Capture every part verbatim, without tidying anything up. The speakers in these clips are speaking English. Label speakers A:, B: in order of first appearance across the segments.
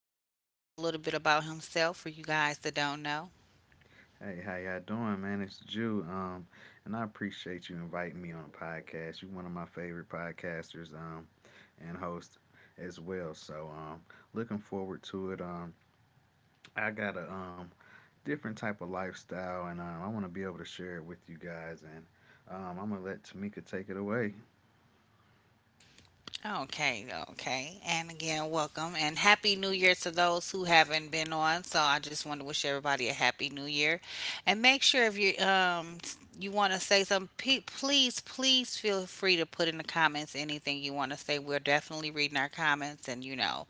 A: to let Jew tell you a little bit about himself for you guys that don't know.
B: Hey, how y'all doing, man? It's Jew. Um, and I appreciate you inviting me on a podcast. You're one of my favorite podcasters, um, and host as well. So, um, looking forward to it. Um, I got a um different type of lifestyle, and um, I want to be able to share it with you guys. And um, I'm gonna let Tamika take it away.
A: Okay, okay. And again, welcome and happy new year to those who haven't been on. So I just want to wish everybody a happy new year. And make sure if you um s- you want to say something, pe- please please feel free to put in the comments anything you want to say. We're definitely reading our comments and you know,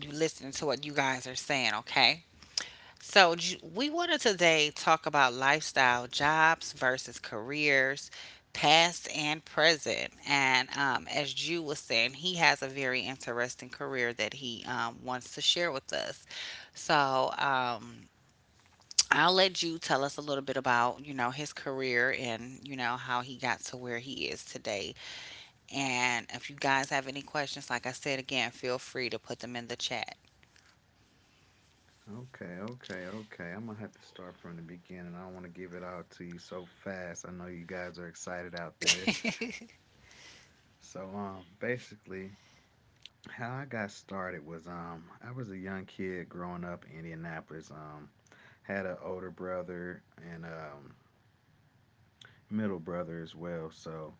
A: you listening to what you guys are saying, okay? So, j- we want to today talk about lifestyle, jobs versus careers, past and present. And um, as Jew was saying, he has a very interesting career that he um, wants to share with us. So, um, I'll let Jew tell us a little bit about, you know, his career and, you know, how he got to where he is today. And if you guys have any questions, like I said again, feel free to put them in the chat.
B: Okay, okay, okay. I'm gonna have to start from the beginning. I don't want to give it all to you so fast. I know you guys are excited out there. So, um, basically, how I got started was um I was a young kid growing up in Indianapolis. Um had an older brother and um middle brother as well. So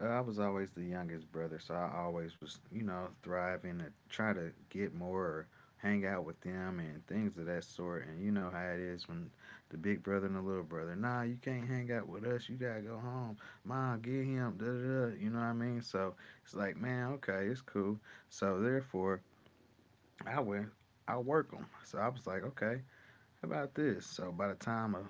B: uh, I was always the youngest brother. So I always was you know thriving to try to get more or hang out with them and things of that sort. And you know how it is when the big brother and the little brother. Nah, you can't hang out with us. You gotta go home. Mom, get him. Da da da. You know what I mean? So it's like man, okay, it's cool. So therefore I will. I'll work them. So I was like, okay. How about this? So by the time of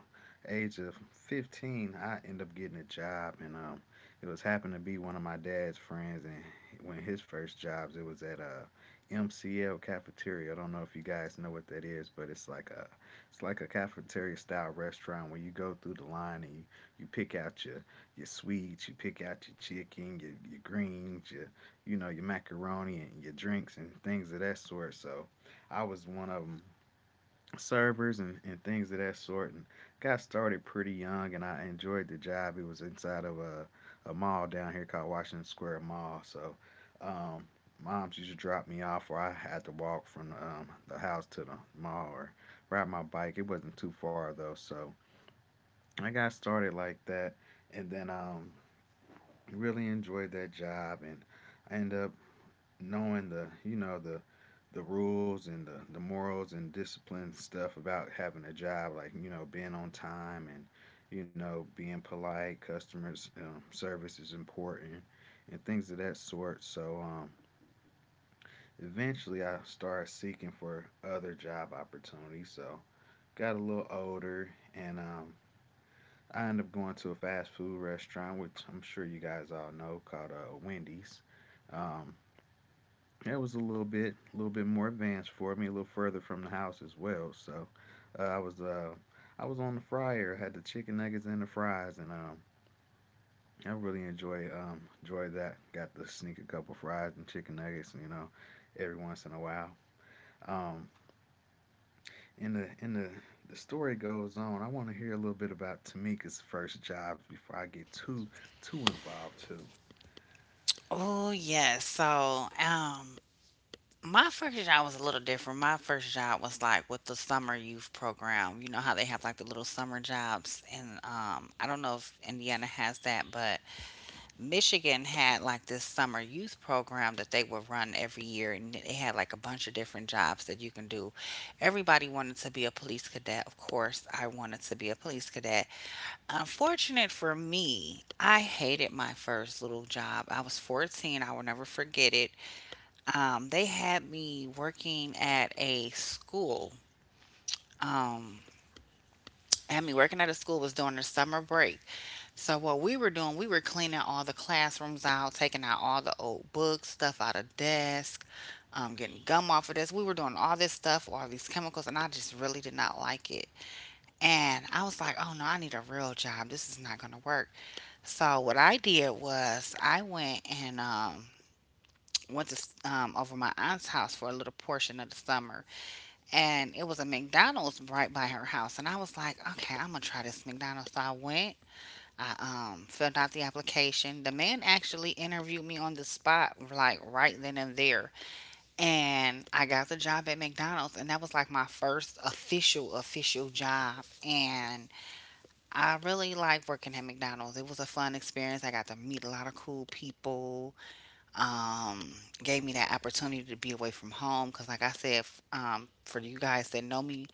B: age of fifteen, I end up getting a job, and um, it was happened to be one of my dad's friends, and when his first jobs, it was at a M C L cafeteria. I don't know if you guys know what that is, but it's like a it's like a cafeteria style restaurant where you go through the line and you, you pick out your your sweets, you pick out your chicken, your, your greens, your you know your macaroni and your drinks and things of that sort. So I was one of them servers and, and things of that sort and got started pretty young and I enjoyed the job. It was inside of a, a mall down here called Washington Square Mall. So um, moms used to drop me off or I had to walk from um, the house to the mall or ride my bike. It wasn't too far though. So I got started like that and then um, really enjoyed that job and I ended up knowing the, you know, the the rules and the, the morals and discipline stuff about having a job, like you know being on time and you know being polite. Customers um, service is important and things of that sort. So um, eventually, I started seeking for other job opportunities. So got a little older and um, I ended up going to a fast food restaurant, which I'm sure you guys all know, called uh, Wendy's. Um, That was a little bit, a little bit more advanced for me, a little further from the house as well. So, uh, I was, uh, I was on the fryer, had the chicken nuggets and the fries, and um, I really enjoy, um, enjoyed that. Got to sneak a couple fries and chicken nuggets, you know, every once in a while. Um, in the, in the, the story goes on. I want to hear a little bit about Tamika's first jobs before I get too, too involved too.
A: Oh, yes. So, um, My first job was a little different. My first job was like with the summer youth program. You know how they have like the little summer jobs, and um, I don't know if Indiana has that, but Michigan had like this summer youth program that they would run every year, and it had like a bunch of different jobs that you can do. Everybody wanted to be a police cadet, of course. I wanted to be a police cadet. Unfortunate for me, I hated my first little job. I was fourteen. I will never forget it um, They had me working at a school. Um, Had me working at a school was during the summer break. So what we were doing, we were cleaning all the classrooms out, taking out all the old books, stuff out of desk, um, getting gum off of this. We were doing all this stuff, all these chemicals, and I just really did not like it. And I was like, oh no, I need a real job. This is not gonna work. So what I did was I went and um, went to s- um, over my aunt's house for a little portion of the summer. And it was a McDonald's right by her house. And I was like, okay, I'm gonna try this McDonald's. So I went. I um, filled out the application. The man actually interviewed me on the spot, like right then and there. And I got the job at McDonald's, and that was like my first official, official job. And I really liked working at McDonald's. It was a fun experience. I got to meet a lot of cool people um, Gave me that opportunity to be away from home because, like I said, f- um, for you guys that know me,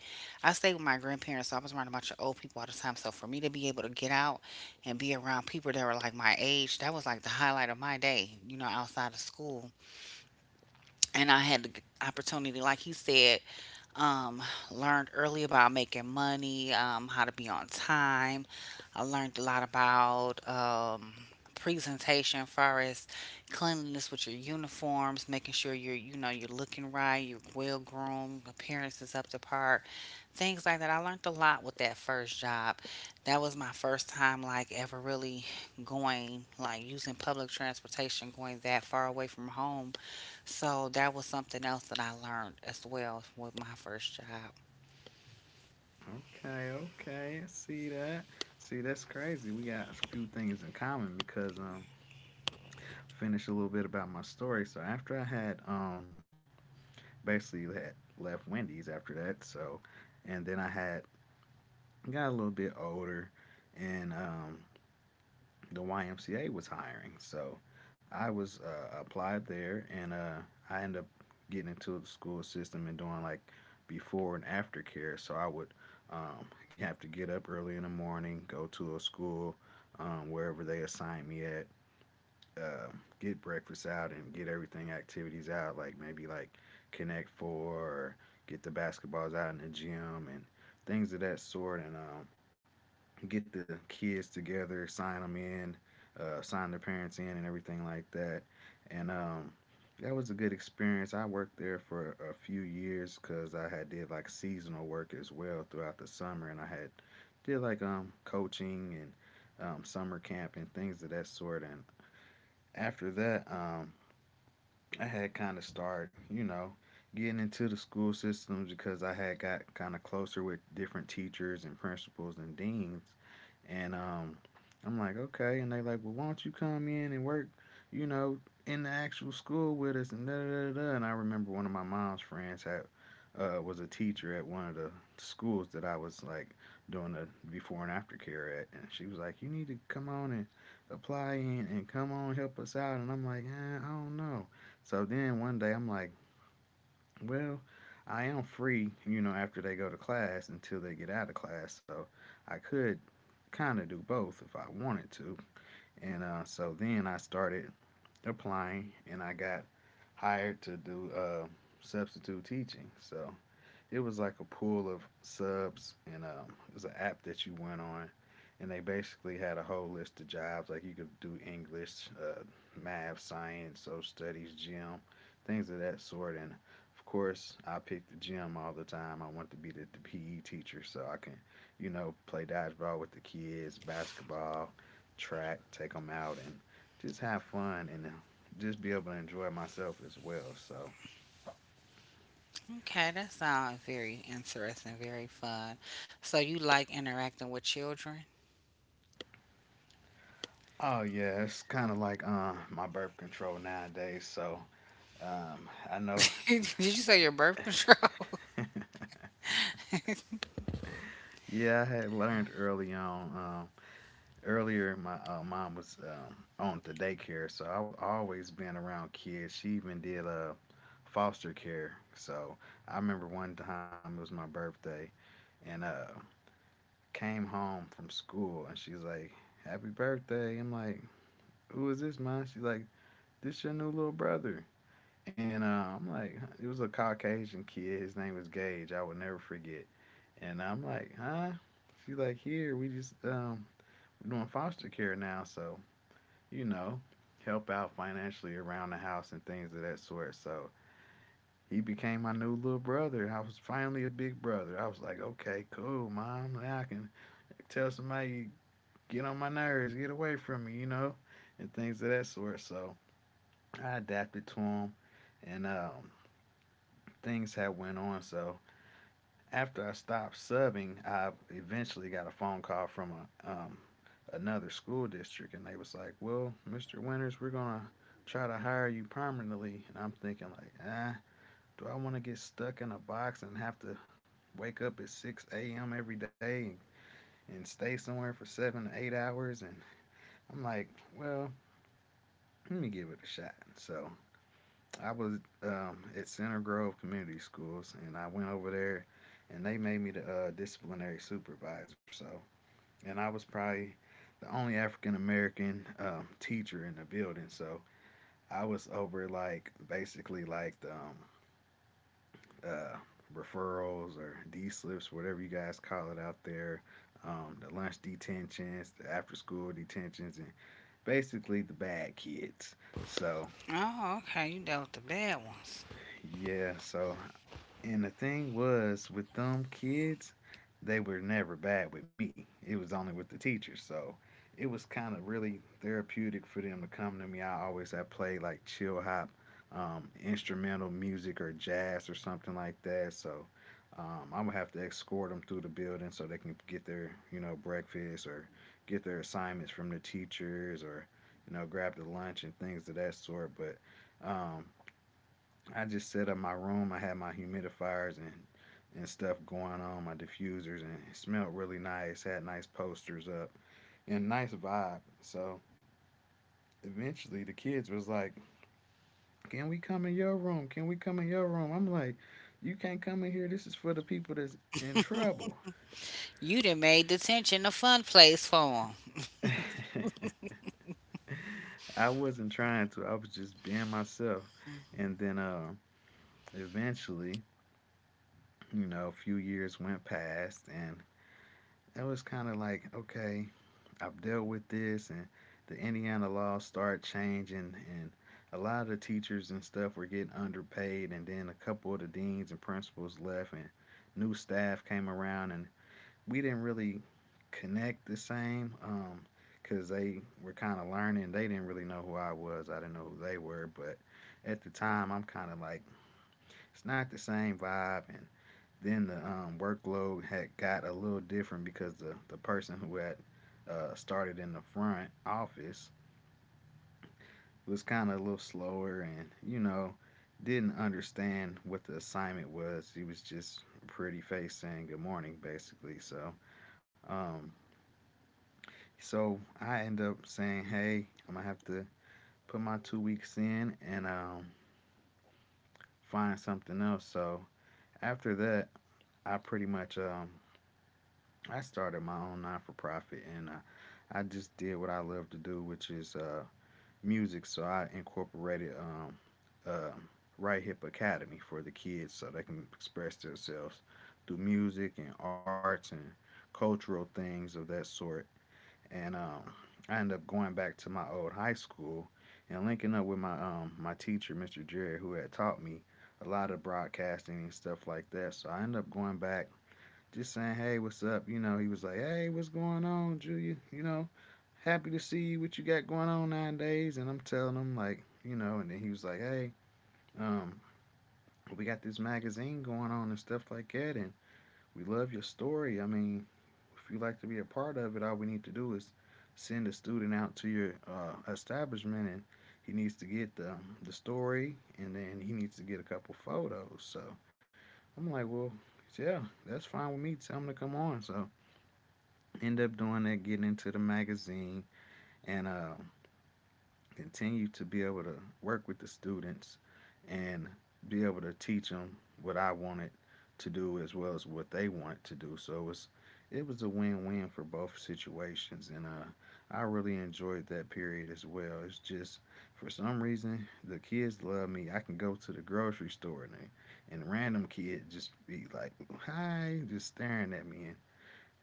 A: I stayed with my grandparents, so I was around a bunch of old people all the time. So for me to be able to get out and be around people that were like my age, that was like the highlight of my day, you know, outside of school. And I had the opportunity, like he said, um, learned early about making money, um, how to be on time. I learned a lot about um, presentation, far as cleanliness with your uniforms, making sure you're you know you're looking right, you're well groomed, appearance is up to par, things like that. I learned a lot with that first job. That was my first time like ever really going like using public transportation, going that far away from home, so that was something else that I learned as well with my first job.
B: Okay, okay, I see that. See, that's crazy. We got a few things in common because um finish a little bit about my story. So after I had um basically had left Wendy's after that, so and then I had got a little bit older, and um the Y M C A was hiring, so I was uh, applied there, and uh I ended up getting into the school system and doing like before and after care. So I would um, have to get up early in the morning, go to a school um, wherever they assigned me at, uh, get breakfast out and get everything activities out, like maybe like Connect Four or get the basketballs out in the gym and things of that sort, and um, get the kids together, sign them in, uh, sign their parents in, and everything like that. And um, that was a good experience. I worked there for a few years because I had did like seasonal work as well throughout the summer, and I had did like um coaching and um, summer camp and things of that sort. And after that, um, I had kind of started, you know, getting into the school systems because I had got kind of closer with different teachers and principals and deans. And um, I'm like, okay. And they like, well, why don't you come in and work, you know, in the actual school with us and da da da. da. And I remember one of my mom's friends had uh, was a teacher at one of the schools that I was like doing the before and after care at, and she was like, you need to come on and apply and, and come on help us out. And I'm like, eh, I don't know. So then one day I'm like, well, I am free, you know, after they go to class until they get out of class. So I could kind of do both if I wanted to. And uh, so then I started applying and I got hired to do uh, substitute teaching. So it was like a pool of subs and um, it was an app that you went on and they basically had a whole list of jobs like you could do English, uh, math, science, social studies, gym, things of that sort. And of course, I picked the gym all the time. I wanted to be the, the P E teacher so I can, you know, play dodgeball with the kids, basketball, track, take them out, and just have fun and just be able to enjoy myself as well. So,
A: Okay, that sounds very interesting, very fun. So you like interacting with children?
B: oh yeah, it's kind of like um my birth control nowadays. So, um, I know.
A: Did you say your birth control?
B: Yeah, I had learned early on. Um, earlier, my uh, mom was um, on the daycare, so I was always being around kids. She even did uh, foster care. So I remember one time it was my birthday, and uh, came home from school, and she's like, "Happy birthday!" I'm like, "Who is this, mom?" She's like, "This your new little brother." And uh, I'm like, "Huh?" "It was a Caucasian kid. His name was Gage. I would never forget." And I'm like, "Huh?" She's like, "Here, we just um." Doing foster care now, so you know, help out financially around the house and things of that sort. So he became my new little brother. I was finally a big brother. I was like, okay, cool, mom. Now I can tell somebody, get on my nerves, get away from me, you know, and things of that sort. So I adapted to him, and um, things had went on. So after I stopped subbing, I eventually got a phone call from a um, another school district, and they was like, "Well, mister Winters, we're gonna try to hire you permanently." And I'm thinking like, ah, do I want to get stuck in a box and have to wake up at six a m every day and, and stay somewhere for seven to eight hours? And I'm like, well, let me give it a shot. So I was um, at Center Grove Community Schools, and I went over there, and they made me the uh, disciplinary supervisor. So and I was probably the only African American um, teacher in the building. So I was over like basically like the um, uh, referrals or D slips, whatever you guys call it out there, um, the lunch detentions, the after school detentions, and basically the bad kids. So
A: Oh, okay, you dealt with the bad ones.
B: yeah, so and the thing was with them kids, they were never bad with me. It was only with the teachers. So it was kind of really therapeutic for them to come to me. I always had played like chill hop, um, instrumental music or jazz or something like that. So um, I would have to escort them through the building so they can get their you know breakfast or get their assignments from the teachers or you know grab the lunch and things of that sort. But um, I just set up my room. I had my humidifiers and and stuff going on, my diffusers, and it smelled really nice. Had nice posters up and nice vibe. So eventually, the kids was like, "Can we come in your room? Can we come in your room?" I'm like, "You can't come in here. This is for the people that's in trouble."
A: You done made detention a fun place for
B: I wasn't trying to. I was just being myself.
A: them.
B: And then uh, eventually, you know, a few years went past, and it was kind of like, okay, I've dealt with this, and the Indiana laws started changing, and a lot of the teachers and stuff were getting underpaid, and then a couple of the deans and principals left, and new staff came around, and we didn't really connect the same um, cause they were kind of learning. They didn't really know who I was. I didn't know who they were, but at the time, I'm kind of like, it's not the same vibe, and then the um, workload had got a little different because the, the person who had uh, started in the front office was kind of a little slower, and you know, didn't understand what the assignment was. He was just a pretty face saying good morning, basically. So um so I end up saying, hey, I'm gonna have to put my two weeks in, and um find something else. So after that, I pretty much um I started my own non for profit. And I, I just did what I love to do, which is uh, music. So I incorporated um, uh, Right Hip Academy for the kids so they can express themselves through music and arts and cultural things of that sort. And um, I ended up going back to my old high school and linking up with my um, my teacher, mister Jared, who had taught me a lot of broadcasting and stuff like that. So I ended up going back, just saying, hey, what's up? You know, he was like, hey, what's going on, Julia? You know, happy to see you. What you got going on nowadays? And I'm telling him, like, you know. And then he was like, hey, um, we got this magazine going on and stuff like that, and we love your story. I mean, if you'd like to be a part of it, all we need to do is send a student out to your uh, establishment, and he needs to get the um, the story, and then he needs to get a couple photos. So I'm like, well, yeah, that's fine with me. Tell him to come on. So end up doing that, getting into the magazine, and uh, continue to be able to work with the students and be able to teach them what I wanted to do as well as what they wanted to do. So it was it was a win-win for both situations, and uh, I really enjoyed that period as well. It's just for some reason the kids love me. I can go to the grocery store, and and a random kid just be like, "Hi," just staring at me.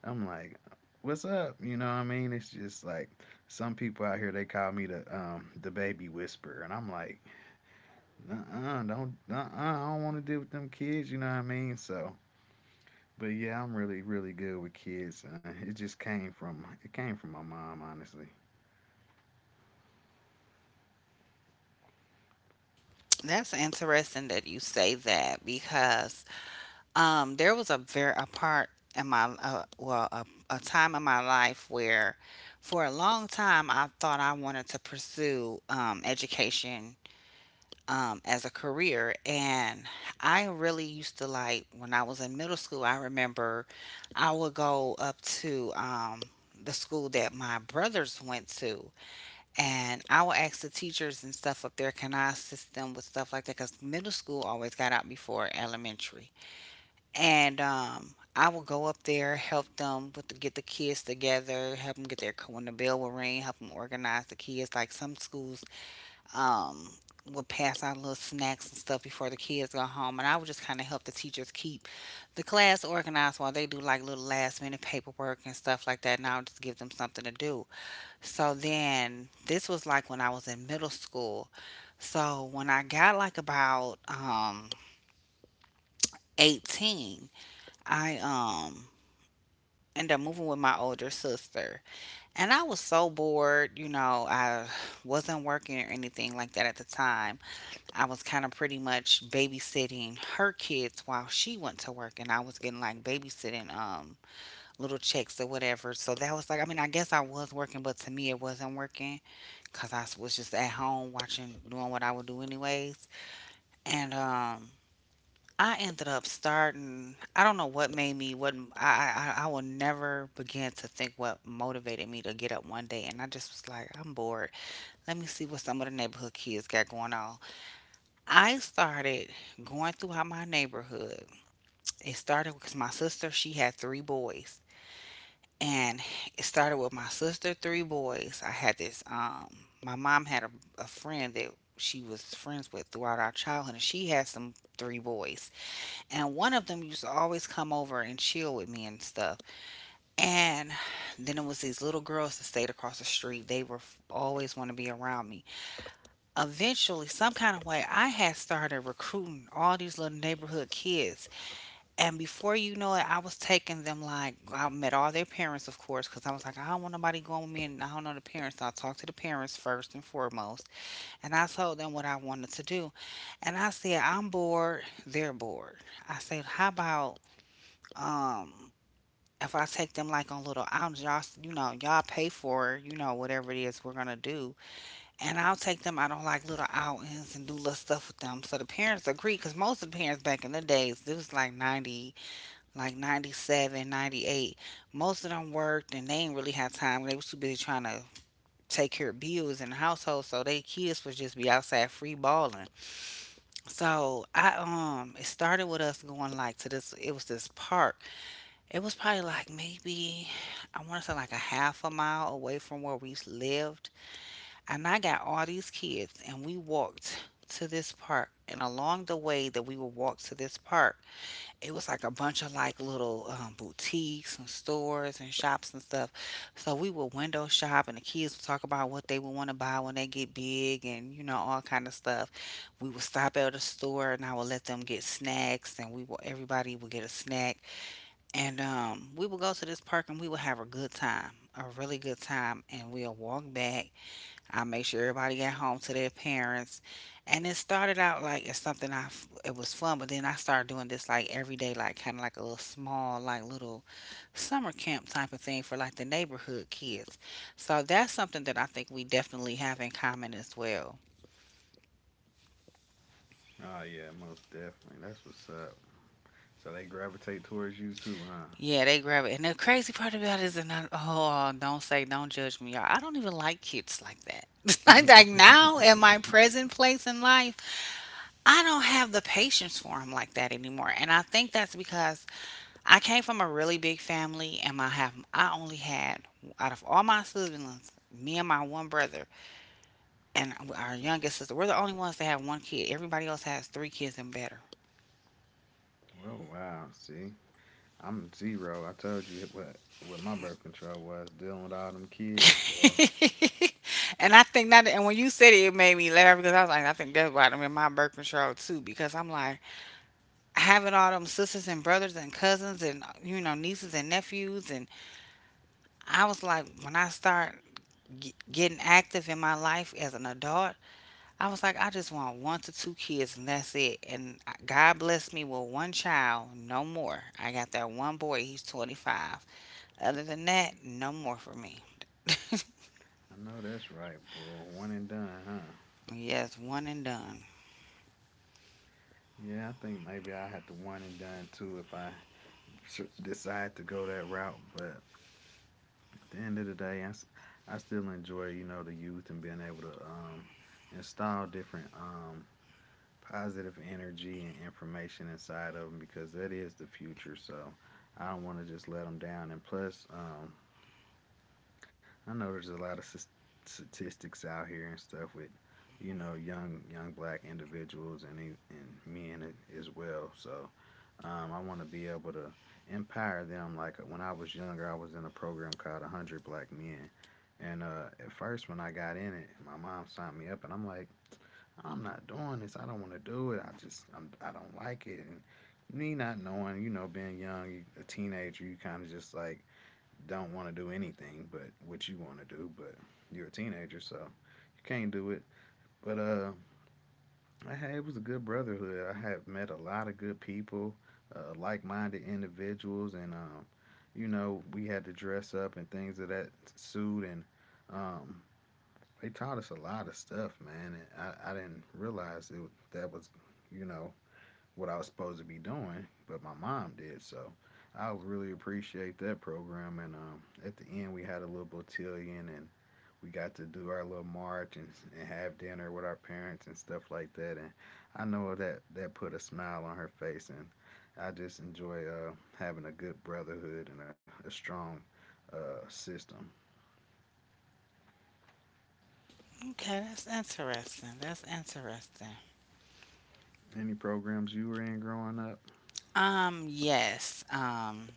B: I'm like, what's up? You know what I mean? It's just like some people out here, they call me the um the baby whisperer, and I'm like, uh, don't, uh, I don't want to deal with them kids. You know what I mean? So, but yeah, I'm really, really good with kids. Uh, it just came from it came from my mom, honestly.
A: That's interesting that you say that because Um, there was a very a part in my uh, well, a, a time in my life where, for a long time, I thought I wanted to pursue um, education um, as a career, and I really used to like when I was in middle school. I remember I would go up to um, the school that my brothers went to, and I would ask the teachers and stuff up there, can I assist them with stuff like that? Because middle school always got out before elementary, and um, I would go up there, help them with the, get the kids together, help them get their when the bell would ring, help them organize the kids. Like some schools um, would pass out little snacks and stuff before the kids go home, and I would just kind of help the teachers keep the class organized while they do like little last minute paperwork and stuff like that. And I would just give them something to do. So then this was like when I was in middle school. So when I got like about um, eighteen, I um end up moving with my older sister. And I was so bored, you know, I wasn't working or anything like that at the time. I was kind of pretty much babysitting her kids while she went to work and I was getting like babysitting um little checks or whatever. So that was like, I mean, I guess I was working, but to me it wasn't working cuz I was just at home watching doing what I would do anyways. And um I ended up starting. I don't know what made me. What I I I will never begin to think what motivated me to get up one day, and I just was like, I'm bored. Let me see what some of the neighborhood kids got going on. I started going throughout my neighborhood. It started because my sister she had three boys, and it started with my sister three boys. I had this um. My mom had a, a friend that she was friends with throughout our childhood, and she had some three boys. And one of them used to always come over and chill with me and stuff. And then it was these little girls that stayed across the street. They were always want to be around me. Eventually, some kind of way, I had started recruiting all these little neighborhood kids. And before you know it, I was taking them like, I met all their parents, of course, because I was like, I don't want nobody going with me and I don't know the parents. So I talked to the parents first and foremost. And I told them what I wanted to do. And I said, I'm bored. They're bored. I said, how about um, if I take them like on little outings, y'all, s- you know, y'all pay for, you know, whatever it is we're gonna do, and I'll take them out on like little outings and do little stuff with them. So the parents agree, because most of the parents back in the days, it was like 90, like ninety seven, ninety eight. Most of them worked and they ain't really had time. They was too busy trying to take care of bills in the household, so they kids would just be outside free balling. So I um, it started with us going like to this. It was this park, it was probably like maybe I want to say like a half a mile away from where we lived. And I got all these kids and we walked to this park. And along the way that we would walk to this park, it was like a bunch of like little um, boutiques and stores and shops and stuff. So we would window shop and the kids would talk about what they would want to buy when they get big and you know all kind of stuff. We would stop at a store and I would let them get snacks and we would everybody would get a snack and um, we will go to this park and we will have a good time, a really good time. And we'll walk back. I'll make sure everybody got home to their parents. And it started out like it's something I, f- it was fun, but then I started doing this like every day, like kind of like a little small, like little summer camp type of thing for like the neighborhood kids. So that's something that I think we definitely have in common as well.
B: Oh yeah, most definitely. That's what's up. So they gravitate towards you too, huh?
A: Yeah, they grab it. And the crazy part about it is, and I, oh, don't say, don't judge me, y'all. I don't even like kids like that. like, like now, in my present place in life, I don't have the patience for them like that anymore. And I think that's because I came from a really big family, and my have I only had out of all my siblings, me and my one brother, and our youngest sister, we're the only ones that have one kid. Everybody else has three kids and better.
B: Oh wow, see, I'm zero. I told you what what my birth control was, dealing with all them kids, boy.
A: and I think that, and when you said it, it made me laugh because I was like, I think that's why I'm in my birth control too. Because I'm like, having all them sisters and brothers and cousins and, you know, nieces and nephews. And I was like, when I start g- getting active in my life as an adult, I was like, I just want one to two kids and that's it. And God blessed me with one child, no more. I got that one boy, he's twenty five. Other than that, no more for me.
B: I know that's right, boy. One and done, huh?
A: yes, one and done.
B: Yeah, I think maybe I had the one and done too if I s- decide to go that route. But at the end of the day, I, s- I still enjoy, you know, the youth and being able to um, install different um, positive energy and information inside of them, because that is the future. So I don't want to just let them down. And plus, um, I know there's a lot of s- statistics out here and stuff with, you know, young young black individuals and e- and men a- as well. So, um, I want to be able to empower them. Like when I was younger, I was in a program called one hundred Black Men, and uh, at first when I got in it, my mom signed me up, and I'm like, I'm not doing this. I don't want to do it. I just I'm, I don't like it. And me not knowing, you know, being young, a teenager, you kind of just like don't want to do anything but what you want to do, but you're a teenager, so you can't do it. But uh, I had, it was a good brotherhood. I have met a lot of good people, uh, like-minded individuals, and um, you know, we had to dress up and things of that suit, and um, they taught us a lot of stuff, man. And I, I didn't realize it, that was, you know, what I was supposed to be doing, but my mom did. So I really appreciate that program. And um, at the end, we had a little botillion, and we got to do our little march, and, and have dinner with our parents and stuff like that. And I know that that put a smile on her face. And I just enjoy uh, having a good brotherhood and a, a strong uh, system.
A: Okay, that's interesting. That's interesting.
B: Any programs you were in growing up?
A: Um, yes. Um,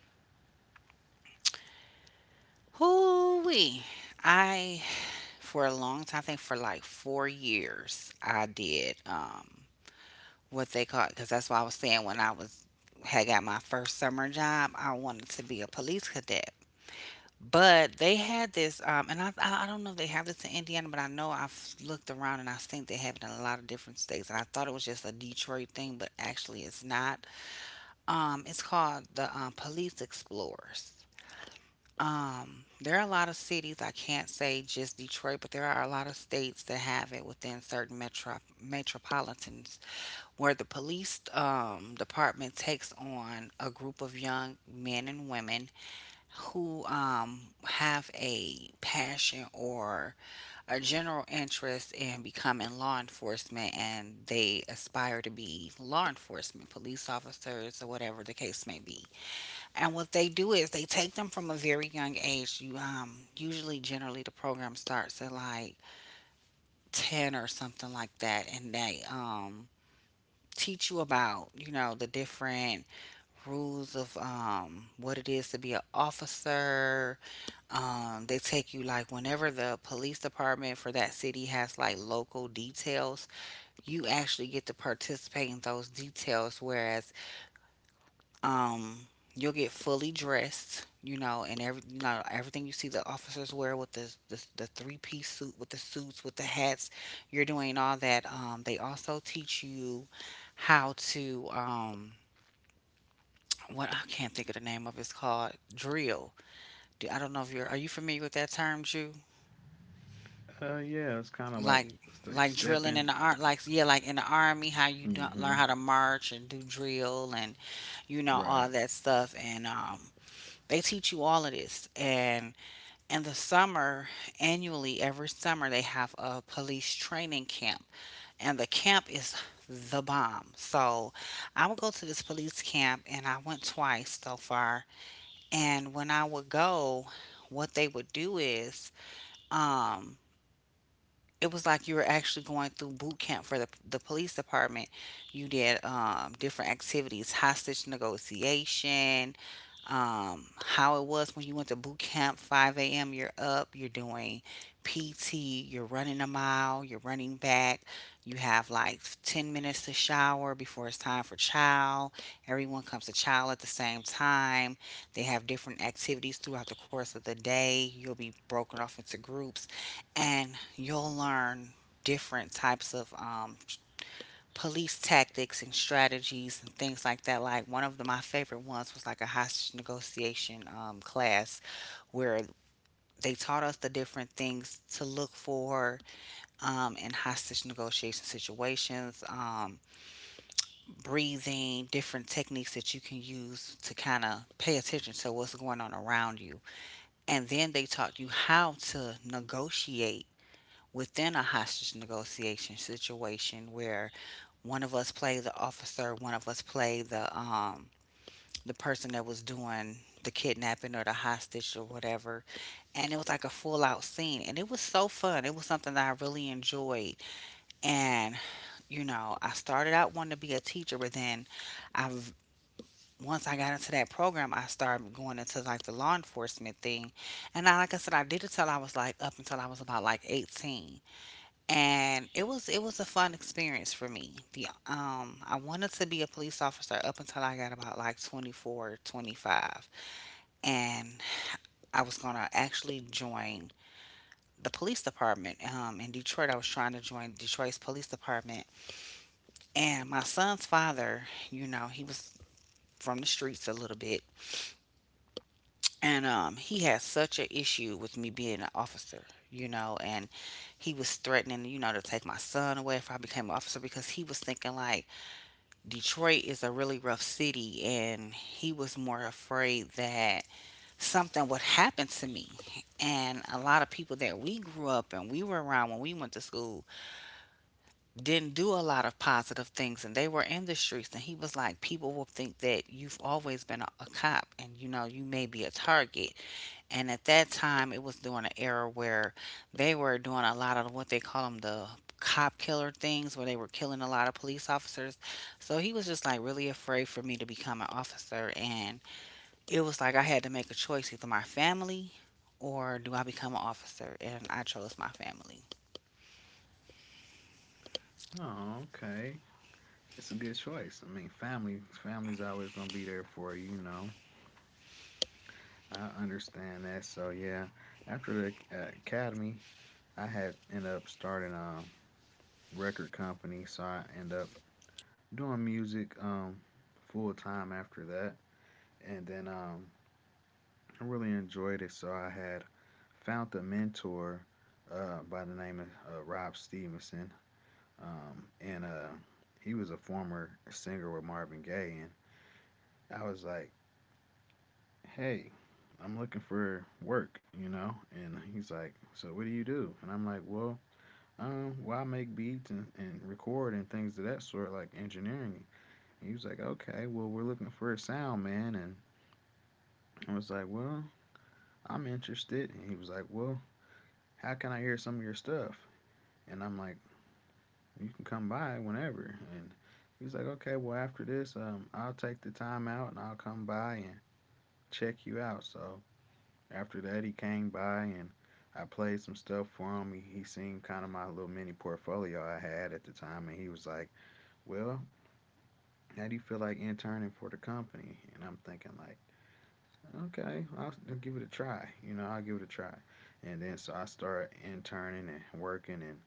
A: hoo-wee. I, for a long time, I think for like four years, I did um what they call, because that's why I was saying when I was had got my first summer job, I wanted to be a police cadet. But they had this, um, and I, I I don't know if they have this in Indiana, but I know I've looked around and I've seen they have it in a lot of different states. And I thought it was just a Detroit thing, but actually it's not. Um, it's called the um, Police Explorers. Um, there are a lot of cities. I can't say just Detroit, but there are a lot of states that have it within certain metro metropolitans where the police um, department takes on a group of young men and women who um, have a passion or a general interest in becoming law enforcement, and they aspire to be law enforcement, police officers, or whatever the case may be. And what they do is they take them from a very young age. You um, usually, generally, the program starts at like ten or something like that, and they um, teach you about, you know, the different rules of um, what it is to be an officer. Um, they take you, like whenever the police department for that city has like local details, you actually get to participate in those details. Whereas um you'll get fully dressed, you know, and every, you know, everything you see the officers wear with the the, the three piece suit, with the suits with the hats, you're doing all that. um they also teach you how to, um what, I can't think of the name of it's called drill. Do- I don't know if you're, are you familiar with that term, Jew?
B: Uh, yeah, it's kind of like
A: like
B: it's like
A: like drilling
B: stepping.
A: in the art, like, yeah, like in the army, how you do, learn
B: Mm-hmm.
A: how to march and do drill and, you know,
B: Right.
A: all that stuff. And um they teach you all of this. And in the summer, annually, every summer, they have a police training camp. And the camp is the bomb. So I would go to this police camp, and I went twice so far. And when I would go, what they would do is, um, it was like you were actually going through boot camp for the, the police department. You did um, different activities, hostage negotiation, um, how it was when you went to boot camp. five a m, you're up, you're doing P T, you're running a mile, you're running back, you have like ten minutes to shower before it's time for chow. Everyone comes to chow at the same time. They have different activities throughout the course of the day. You'll be broken off into groups and you'll learn different types of um, police tactics and strategies and things like that. Like one of the, my favorite ones was like a hostage negotiation um, class where they taught us the different things to look for um, in hostage negotiation situations, um, breathing, different techniques that you can use to kind of pay attention to what's going on around you. And then they taught you how to negotiate within a hostage negotiation situation where one of us played the officer, one of us played the um the person that was doing the kidnapping or the hostage or whatever. And it was like a full out scene, and it was so fun. It was something that I really enjoyed. And, you know, I started out wanting to be a teacher, but then I once I got into that program, I started going into like the law enforcement thing. And I, like I said, I did it till I was like up until I was about like eighteen. And it was it was a fun experience for me. The um I wanted to be a police officer up until I got about like twenty four, twenty five. And I was going to actually join the police department um, in Detroit. I was trying to join Detroit's police department. And my son's father, you know, he was from the streets a little bit. And um, he had such an issue with me being an officer, you know, and he was threatening, you know, to take my son away if I became an officer, because he was thinking like Detroit is a really rough city, and he was more afraid that something would happen to me. And a lot of people that we grew up and we were around when we went to school didn't do a lot of positive things, and they were in the streets. And he was like, people will think that you've always been a, a cop, and, you know, you may be a target. And at that time, it was during an era where they were doing a lot of what they call them, the cop killer things, where they were killing a lot of police officers. So he was just like really afraid for me to become an officer. And it was like I had to make a choice, either my family or do I become an officer? And I chose my family.
B: Oh, okay. It's a good choice. I mean, family, family's always gonna be there for you. You know, I understand that. So yeah, after the uh, academy, I had end up starting a record company. So I end up doing music um, full time after that, and then um, I really enjoyed it. So I had found a mentor uh, by the name of uh, Rob Stevenson, um, and uh, he was a former singer with Marvin Gaye. And I was like, hey, I'm looking for work, you know? And he's like, so what do you do? And I'm like, well, um, well, I make beats and, and record and things of that sort, like engineering. And he was like, okay, well, we're looking for a sound man. And I was like, well, I'm interested. And he was like, well, how can I hear some of your stuff? And I'm like, you can come by whenever. And he's like, okay, well, after this, um, I'll take the time out and I'll come by and check you out. So after that, he came by, and I played some stuff for him. He, he seen kind of my little mini portfolio I had at the time, and he was like, "Well, how do you feel like interning for the company?" And I'm thinking like, "Okay, I'll give it a try. You know, I'll give it a try." And then so I started interning and working and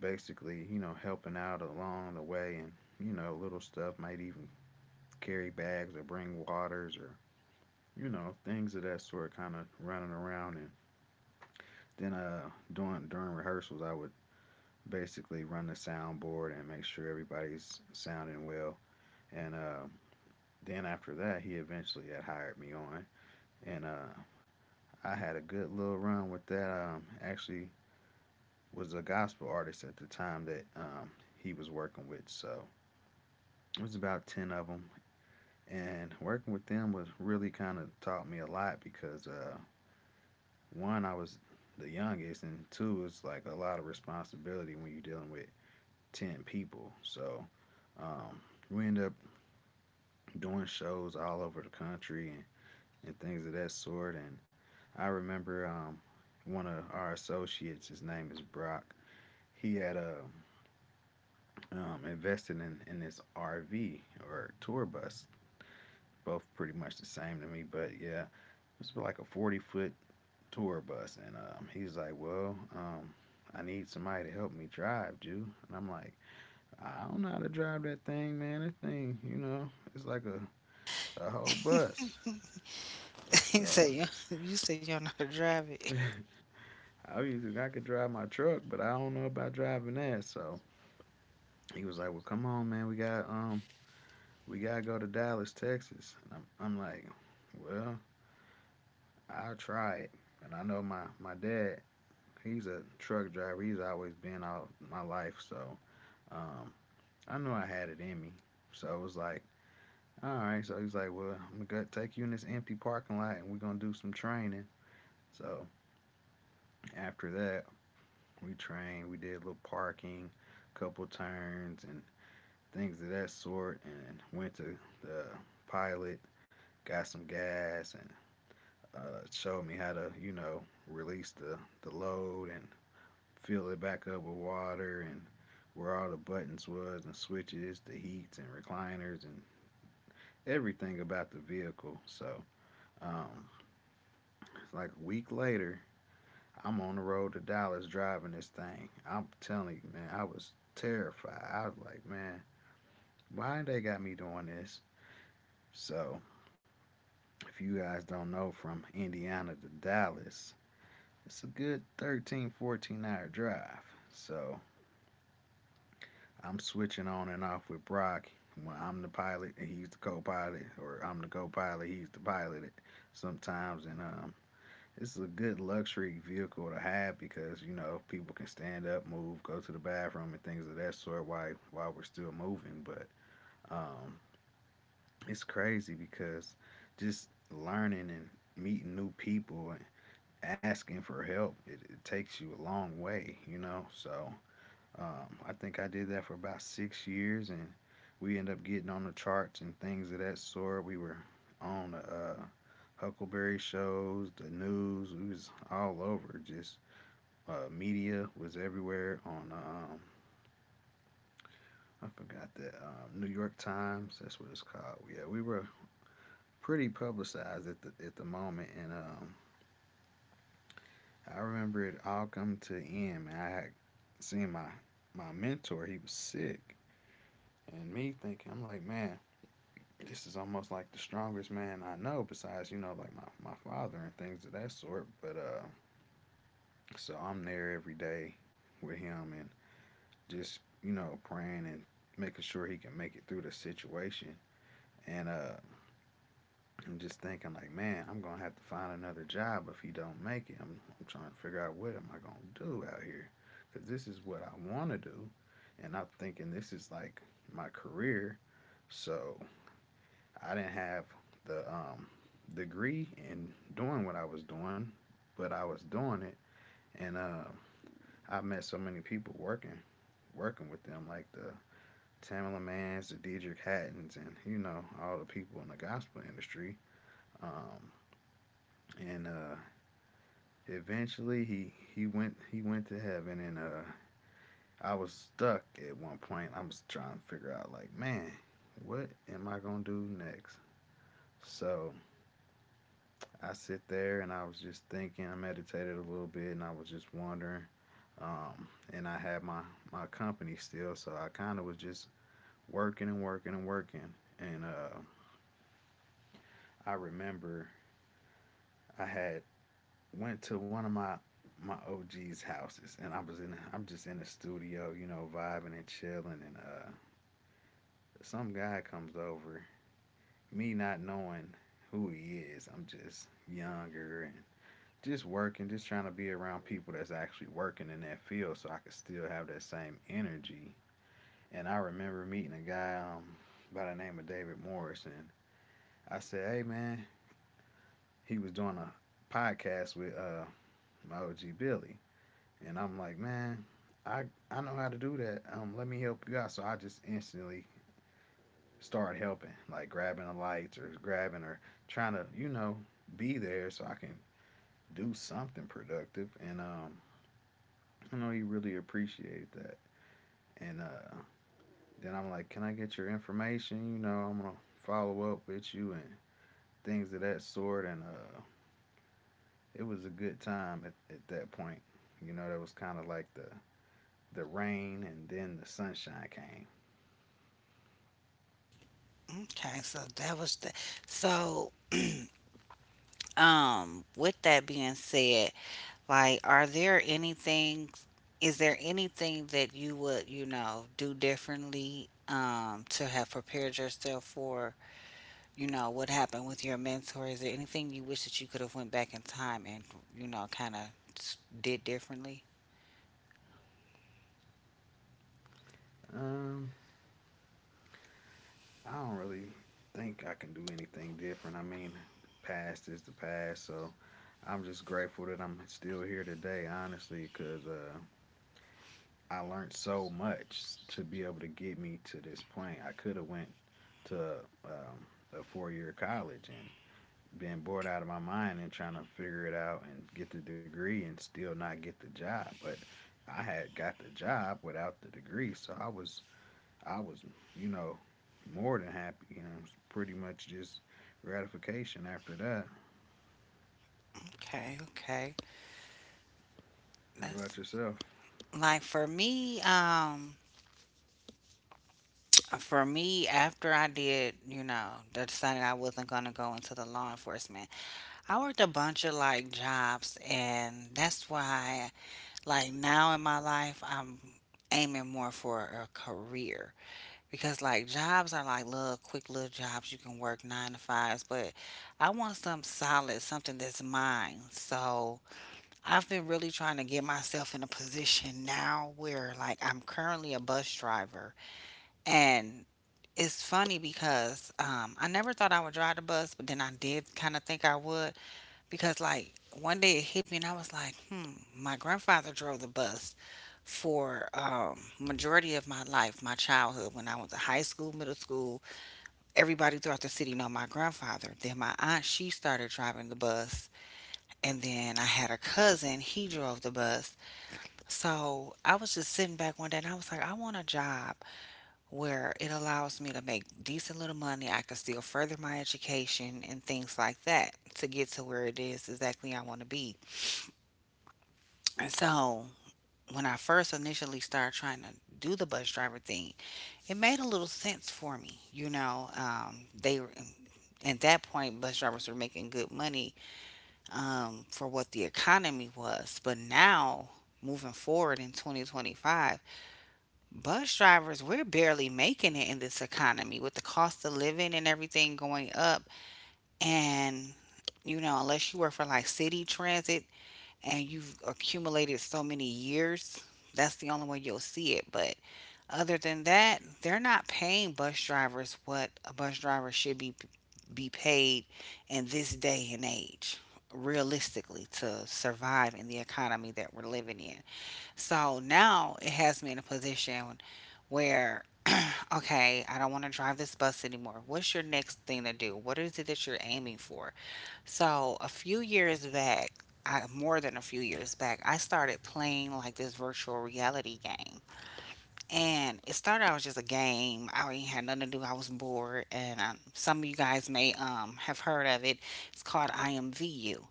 B: basically, you know, helping out along the way, and you know, little stuff. Might even carry bags or bring waters, or you know, things of that sort, kind of running around. And then uh during during rehearsals I would basically run the soundboard and make sure everybody's sounding well. And uh, then after that, he eventually had hired me on, and uh, I had a good little run with that. Um, actually, was a gospel artist at the time that um, he was working with, so it was about ten of them. And working with them was really kind of taught me a lot, because uh, one, I was the youngest, and two, it's like a lot of responsibility when you're dealing with ten people. So um, we ended up doing shows all over the country, and, and things of that sort. And I remember um, one of our associates, his name is Brock. He had uh, um, invested in, in this R V or tour bus, both pretty much the same to me, but yeah, it's like a forty foot tour bus. And um, he's like, well, um, I need somebody to help me drive, dude. And I'm like, I don't know how to drive that thing, man. That thing, you know, it's like a, a whole bus.
A: he
B: So
A: said, You, you said you don't know how to drive it.
B: I usually I could drive my truck, but I don't know about driving that. So he was like, "Well, come on, man. We got um, we gotta go to Dallas, Texas." And I'm, I'm like, "Well, I'll try it." And I know my my dad, he's a truck driver. He's always been out my life, so um, I knew I had it in me. So it was like, "All right." So he's like, "Well, I'm gonna take you in this empty parking lot, and we're gonna do some training." So after that, we trained. We did a little parking, couple turns, and things of that sort, and went to the pilot, got some gas, and uh, showed me how to, you know, release the, the load and fill it back up with water, and where all the buttons was and switches, the heats and recliners, and everything about the vehicle. So, um, like a week later, I'm on the road to Dallas driving this thing. I'm telling you, man, I was terrified. I was like, man, why they got me doing this? So if you guys don't know, from Indiana to Dallas, it's a good thirteen, fourteen hour drive. So I'm switching on and off with Brock when I'm the pilot and he's the co pilot, or I'm the co pilot, he's the pilot sometimes. And um, this is a good luxury vehicle to have because, you know, people can stand up, move, go to the bathroom, and things of that sort while, while we're still moving. But um, it's crazy because just learning and meeting new people asking for help, it, it takes you a long way, you know. So um, I think I did that for about six years, and we ended up getting on the charts and things of that sort. We were on the uh, Huckleberry shows, the news. We was all over. Just uh, media was everywhere. On um, I forgot that um, New York Times. That's what it's called. Yeah, we were pretty publicized at the at the moment, and um, I remember it all come to an end, man. I had seen my my mentor, he was sick. And me thinking, I'm like, man, this is almost like the strongest man I know, besides, you know, like my, my father and things of that sort. But uh so I'm there every day with him and just, you know, praying and making sure he can make it through the situation. And uh I'm just thinking like, man, I'm gonna have to find another job if he don't make it. I'm, I'm trying to figure out what am I gonna do out here, because this is what I want to do, and I'm thinking this is like my career. So I didn't have the um, degree in doing what I was doing, but I was doing it, and uh, I met so many people working working with them, like the Tamela Manns, the Diedrich Hattons, and you know all the people in the gospel industry. Um, and uh, Eventually he he went he went to heaven and uh I was stuck at one point. I was trying to figure out like, man, what am I gonna do next? So I sit there and I was just thinking, I meditated a little bit and I was just wondering. Um, and I had my, my company still, so I kind of was just working and working and working. And uh, I remember I had went to one of my my O G's houses, and I was in I'm just in the studio, you know, vibing and chilling, and uh, some guy comes over, me not knowing who he is. I'm just younger and just working, just trying to be around people that's actually working in that field, so I could still have that same energy. And I remember meeting a guy um, by the name of David Morrison. I said, "Hey, man," he was doing a podcast with uh, my O G Billy. And I'm like, man, I I know how to do that. Um, let me help you out. So I just instantly start helping, like grabbing the lights or grabbing or trying to, you know, be there so I can do something productive. And um, I know he really appreciated that. And uh, Then I'm like, can I get your information? You know, I'm gonna follow up with you and things of that sort. And uh, It was a good time at, at that point. You know, that was kind of like the the rain and then the sunshine came.
A: Okay, so that was the. So, um, with that being said, like, are there anything is there anything that you would, you know, do differently um to have prepared yourself for, you know, what happened with your mentor? Is there anything you wish that you could have went back in time and, you know, kind of did differently?
B: Um, I don't really think I can do anything different. I mean, past is the past, so I'm just grateful that I'm still here today, honestly, because uh, I learned so much to be able to get me to this point. I could have went to um, a four-year college and been bored out of my mind and trying to figure it out and get the degree and still not get the job, but I had got the job without the degree, so I was I was, you know, more than happy. You know, it was pretty much just gratification after that.
A: Okay, okay.
B: What about
A: That's
B: yourself?
A: like for me, um for me after I did, you know, I decided I wasn't gonna go into the law enforcement. I worked a bunch of like jobs, and that's why, like now in my life, I'm aiming more for a career, because like jobs are like little quick little jobs, you can work nine to fives, but I want something solid, something that's mine. So I've been really trying to get myself in a position now where like I'm currently a bus driver. And it's funny because, um, I never thought I would drive the bus, but then I did kind of think I would, because, like, one day it hit me and I was like, hmm, my grandfather drove the bus for, um, majority of my life, my childhood, when I went to high school, middle school. Everybody throughout the city know my grandfather. Then my aunt, she started driving the bus, and then I had a cousin, he drove the bus. So I was just sitting back one day and I was like, I want a job where it allows me to make decent little money. I can still further my education and things like that to get to where it is exactly I want to be. And so when I first initially started trying to do the bus driver thing, it made a little sense for me. You know, um, they were, at that point, bus drivers were making good money um, for what the economy was, but now moving forward in twenty twenty-five, bus drivers, we're barely making it in this economy, with the cost of living and everything going up. And, you know, unless you work for like city transit and you've accumulated so many years, that's the only way you'll see it. But other than that, they're not paying bus drivers what a bus driver should be be paid in this day and age, realistically, to survive in the economy that we're living in. So now it has me in a position where, okay, I don't want to drive this bus anymore. What's your next thing to do? What is it that you're aiming for? So, a few years back, I, more than a few years back, I started playing like this virtual reality game. And it started out as just a game. I ain't had nothing to do. I was bored. And um, some of you guys may um, have heard of it. It's called I M V U.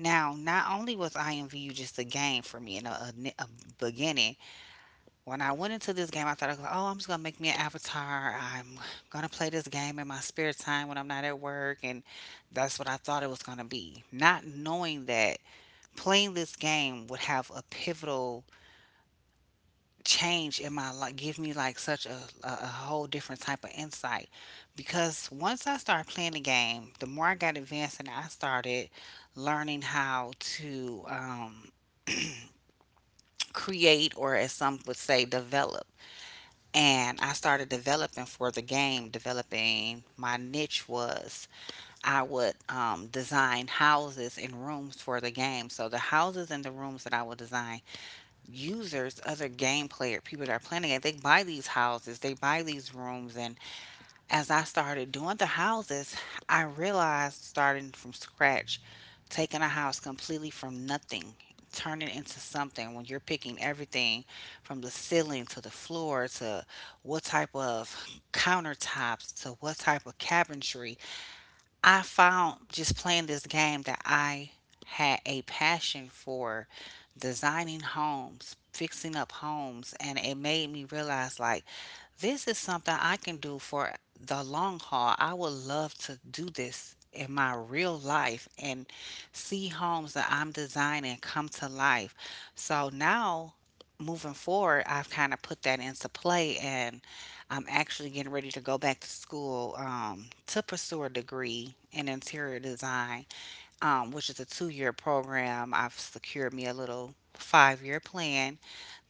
A: Now, not only was I M V U just a game for me in a, a, a beginning, when I went into this game, I thought, I was like, oh, I'm just going to make me an avatar. I'm going to play this game in my spare time when I'm not at work. And that's what I thought it was going to be. Not knowing that playing this game would have a pivotal change in my life, give me like such a, a, a whole different type of insight. Because once I started playing the game, the more I got advanced and I started learning how to um, create or, as some would say, develop. And I started developing for the game, developing my niche was I would um, design houses and rooms for the game. So the houses and the rooms that I would design, users, other game player, people that are playing the game, they buy these houses, they buy these rooms, and as I started doing the houses, I realized starting from scratch, taking a house completely from nothing, turning it into something when you're picking everything from the ceiling to the floor to what type of countertops to what type of cabinetry, I found just playing this game that I had a passion for designing homes, fixing up homes, and it made me realize like this is something I can do for the long haul. I would love to do this in my real life and see homes that I'm designing come to life. So now moving forward, I've kind of put that into play and I'm actually getting ready to go back to school um, to pursue a degree in interior design, um, which is a two year program. I've secured me a little five year plan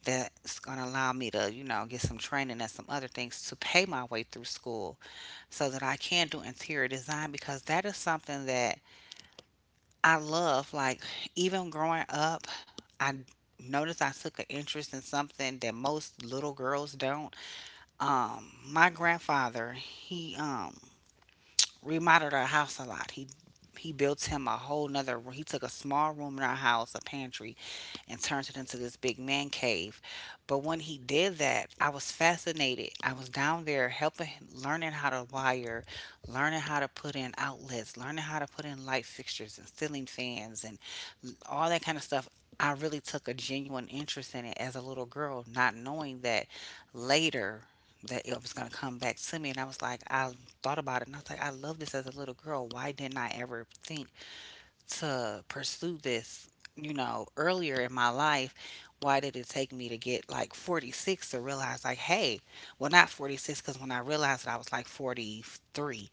A: that's going to allow me to, you know, get some training and some other things to pay my way through school so that I can do interior design because that is something that I love. Like, even growing up, I noticed I took an interest in something that most little girls don't. Um, my grandfather, he um remodeled our house a lot. He he built him a whole nother room. He took a small room in our house, a pantry, and turned it into this big man cave. But when he did that, I was fascinated. I was down there helping, him- learning how to wire, learning how to put in outlets, learning how to put in light fixtures and ceiling fans and all that kind of stuff. I really took a genuine interest in it as a little girl, not knowing that later that it was gonna come back to me, and I was like, I thought about it, and I was like, I love this as a little girl. Why didn't I ever think to pursue this? You know, earlier in my life, why did it take me to get like forty-six to realize, like, hey, well, not forty-six, because when I realized it, I was like forty-three.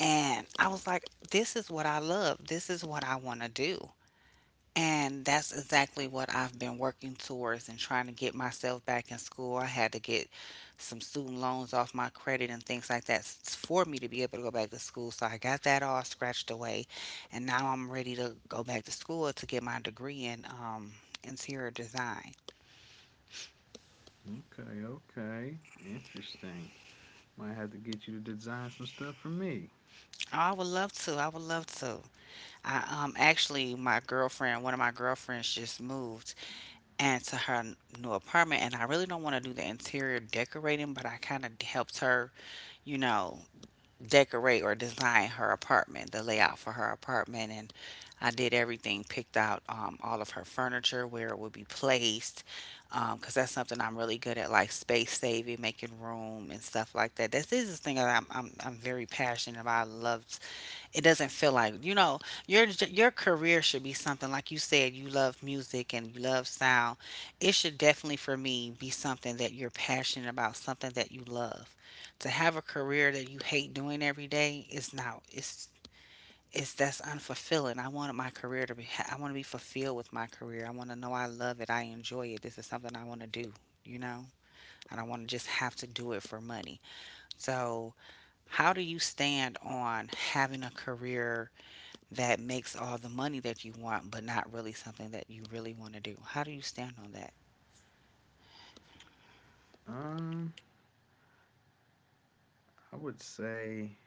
A: And I was like, this is what I love. This is what I want to do. And that's exactly what I've been working towards and trying to get myself back in school. I had to get some student loans off my credit and things like that s- for me to be able to go back to school. So I got that all scratched away, and now I'm ready to go back to school to get my degree in um, interior design.
B: Okay, okay, interesting. Might have to get you to design some stuff for me.
A: Oh, I would love to. I would love to. I um actually my girlfriend, one of my girlfriends just moved and to her n- new apartment and I really don't want to do the interior decorating, but I kind of helped her, you know, decorate or design her apartment, the layout for her apartment. And I did everything, picked out um, all of her furniture, where it would be placed, because that's something I'm really good at, like space saving, making room, and stuff like that. This is the thing that I'm, I'm, I'm very passionate about. I love, it doesn't feel like, you know, your your career should be something. Like you said, you love music and you love sound. It should definitely for me be something that you're passionate about, something that you love. To have a career that you hate doing every day is not, it's it's that's unfulfilling. I want my career to be ha- I want to be fulfilled with my career. I want to know I love it, I enjoy it, this is something I want to do, you know. I don't want to just have to do it for money. So, how do you stand on having a career that makes all the money that you want, but not really something that you really want to do? How do you stand on that?
B: Um, I would say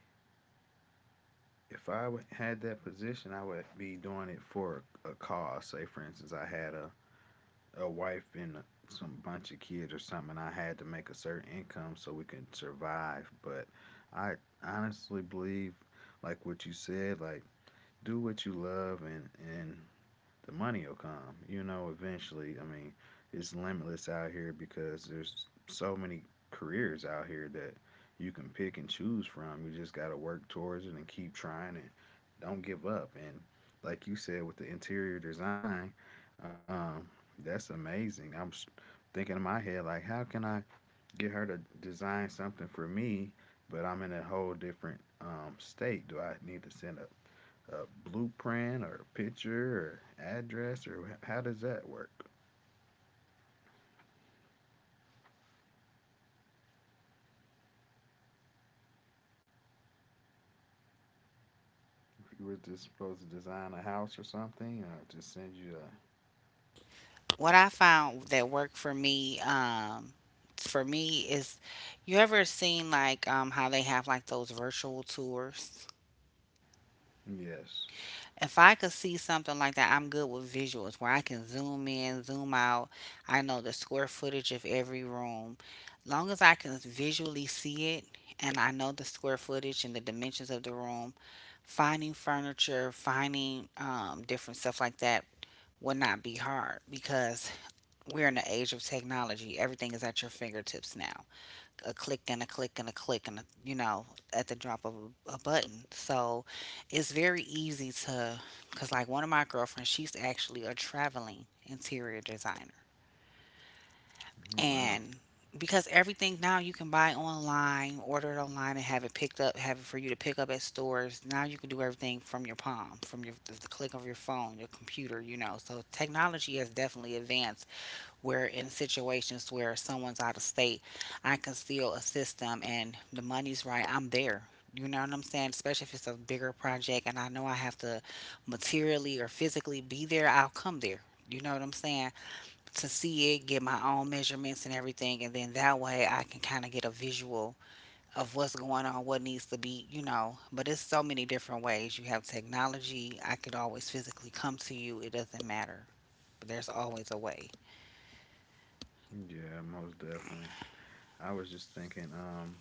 B: if I would- had that position, I would be doing it for a cause. Say, for instance, I had a, a wife and a, some bunch of kids or something. And I had to make a certain income so we could survive. But I honestly believe, like what you said, like do what you love and and the money will come, you know, eventually. I mean, it's limitless out here because there's so many careers out here that you can pick and choose from. You just got to work towards it and keep trying and don't give up. And like you said with the interior design, um, that's amazing. I'm thinking in my head, like, how can I get her to design something for me, but I'm in a whole different um, state. Do I need to send a a blueprint or a picture or address, or how does that work? If you were just supposed to design a house or something, uh, just send you a
A: What I found that worked for me, um, for me is, you ever seen like um, how they have like those virtual tours?
B: yes.
A: If I could see something like that, I'm good with visuals where I can zoom in, zoom out. I know the square footage of every room. Long as I can visually see it and I know the square footage and the dimensions of the room, finding furniture, finding um, different stuff like that will not be hard because we're in the age of technology. Everything is at your fingertips now. A click and a click and a click and a, you know, at the drop of a, a button. So it's very easy to, because like one of my girlfriends, she's actually a traveling interior designer.
B: Oh, wow.
A: And because everything now you can buy online, order it online, and have it picked up, have it for you to pick up at stores. Now you can do everything from your palm, from your the click of your phone, your computer, you know. So technology has definitely advanced where in situations where someone's out of state, I can still assist them and the money's right, I'm there. You know what I'm saying? Especially if it's a bigger project and I know I have to materially or physically be there, I'll come there. You know what I'm saying? To see it, get my own measurements and everything, and then that way I can kind of get a visual of what's going on, what needs to be, you know. But it's so many different ways. You have technology. I could always physically come to you. It doesn't matter. But there's always a way.
B: Yeah, most definitely. I was just thinking, um,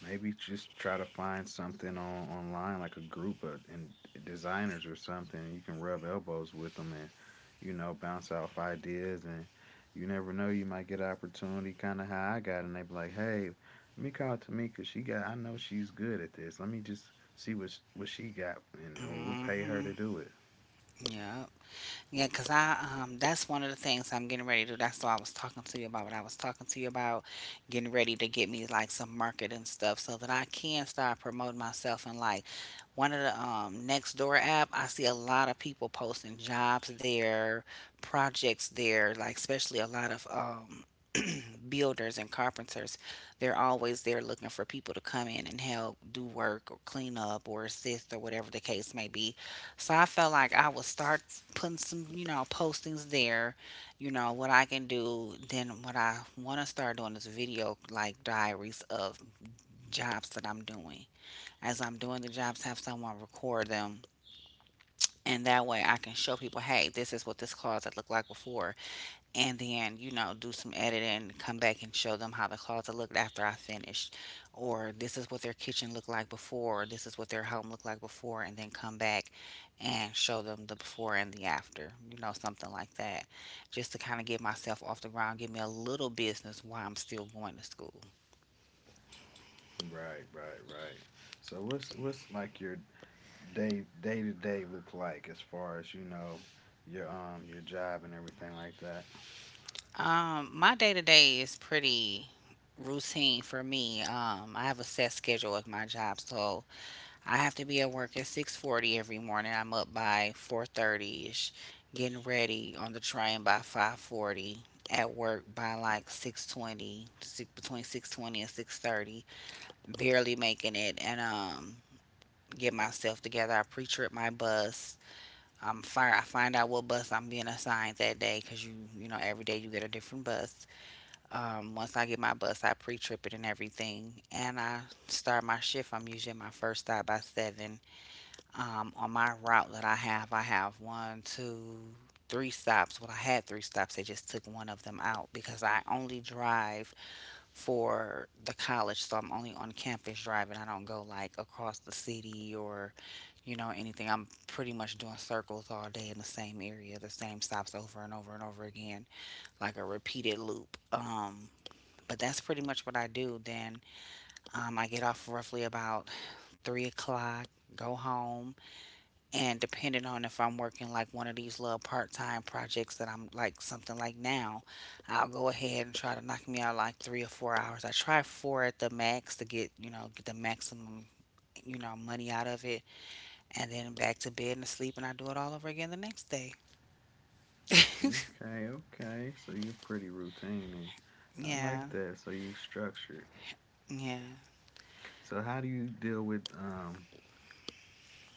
B: maybe just try to find something on online like a group of and designers or something. You can rub elbows with them and, you know, bounce off ideas, and you never know, you might get an opportunity kinda how I got. And they be like, "Hey, let me call Tamika, she got I know she's good at this. Let me just see what sh- what she got, and, and we'll
A: Mm.
B: pay her
A: Mhm.
B: to do it."
A: Yeah. Yeah, because I um that's one of the things I'm getting ready to do. That's what I was talking to you about. What I was talking to you about Getting ready to get me like some marketing stuff so that I can start promoting myself, and like one of the um Next Door app, I see a lot of people posting jobs there, projects there, like especially a lot of um builders and carpenters, they're always there looking for people to come in and help do work or clean up or assist or whatever the case may be. So I felt like I would start putting some, you know, postings there, you know, what I can do. Then what I want to start doing is video like diaries of jobs that I'm doing. As I'm doing the jobs, have someone record them. And that way I can show people, hey, this is what this closet looked like before, and then you know, do some editing, come back and show them how the closet looked after I finished. Or this is what their kitchen looked like before, or this is what their home looked like before, and then come back and show them the before and the after, you know, something like that, just to kind of get myself off the ground, give me a little business while I'm still going to school.
B: Right, right, right. So what's what's like your day day to day look like as far as, you know, your um your job and everything like that?
A: Um my day to day is pretty routine for me. um I have a set schedule with my job, so I have to be at work at six forty every morning. I'm up by 4:30ish, getting ready on the train by five forty, at work by like six twenty, between six twenty and six thirty, barely making it, and um get myself together. I pre-trip my bus. I'm fire I find out what bus I'm being assigned that day, cuz you you know every day you get a different bus. Um once I get my bus, I pre-trip it and everything and I start my shift. I'm usually at my first stop by seven. Um, on my route that I have, I have one, two, three stops. Well, I had three stops. They just took one of them out because I only drive for the college, so I'm only on campus driving. I don't go like across the city or, you know, anything. I'm pretty much doing circles all day in the same area, the same stops over and over and over again, like a repeated loop. Um, but that's pretty much what I do. Then um, I get off roughly about three o'clock, go home, and depending on if I'm working like one of these little part time projects that I'm like something like now, I'll go ahead and try to knock me out like three or four hours. I try four at the max to get, you know, get the maximum, you know, money out of it. And then back to bed and to sleep, and I do it all over again the next day.
B: Okay, okay. So you're pretty routine and I
A: Yeah.
B: like that. So you structured.
A: Yeah.
B: So how do you deal with um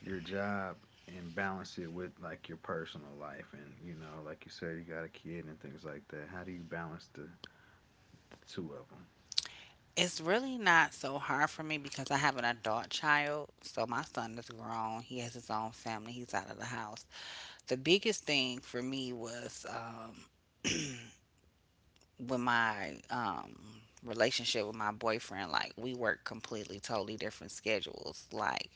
B: your job and balance it with, like, your personal life, and you know, like you said, you got a kid and things like that? How do you balance the, the two of them?
A: It's really not so hard for me because I have an adult child. So my son is grown. He has his own family. He's out of the house. The biggest thing for me was um, with my um relationship with my boyfriend. Like, we work completely totally different schedules. Like,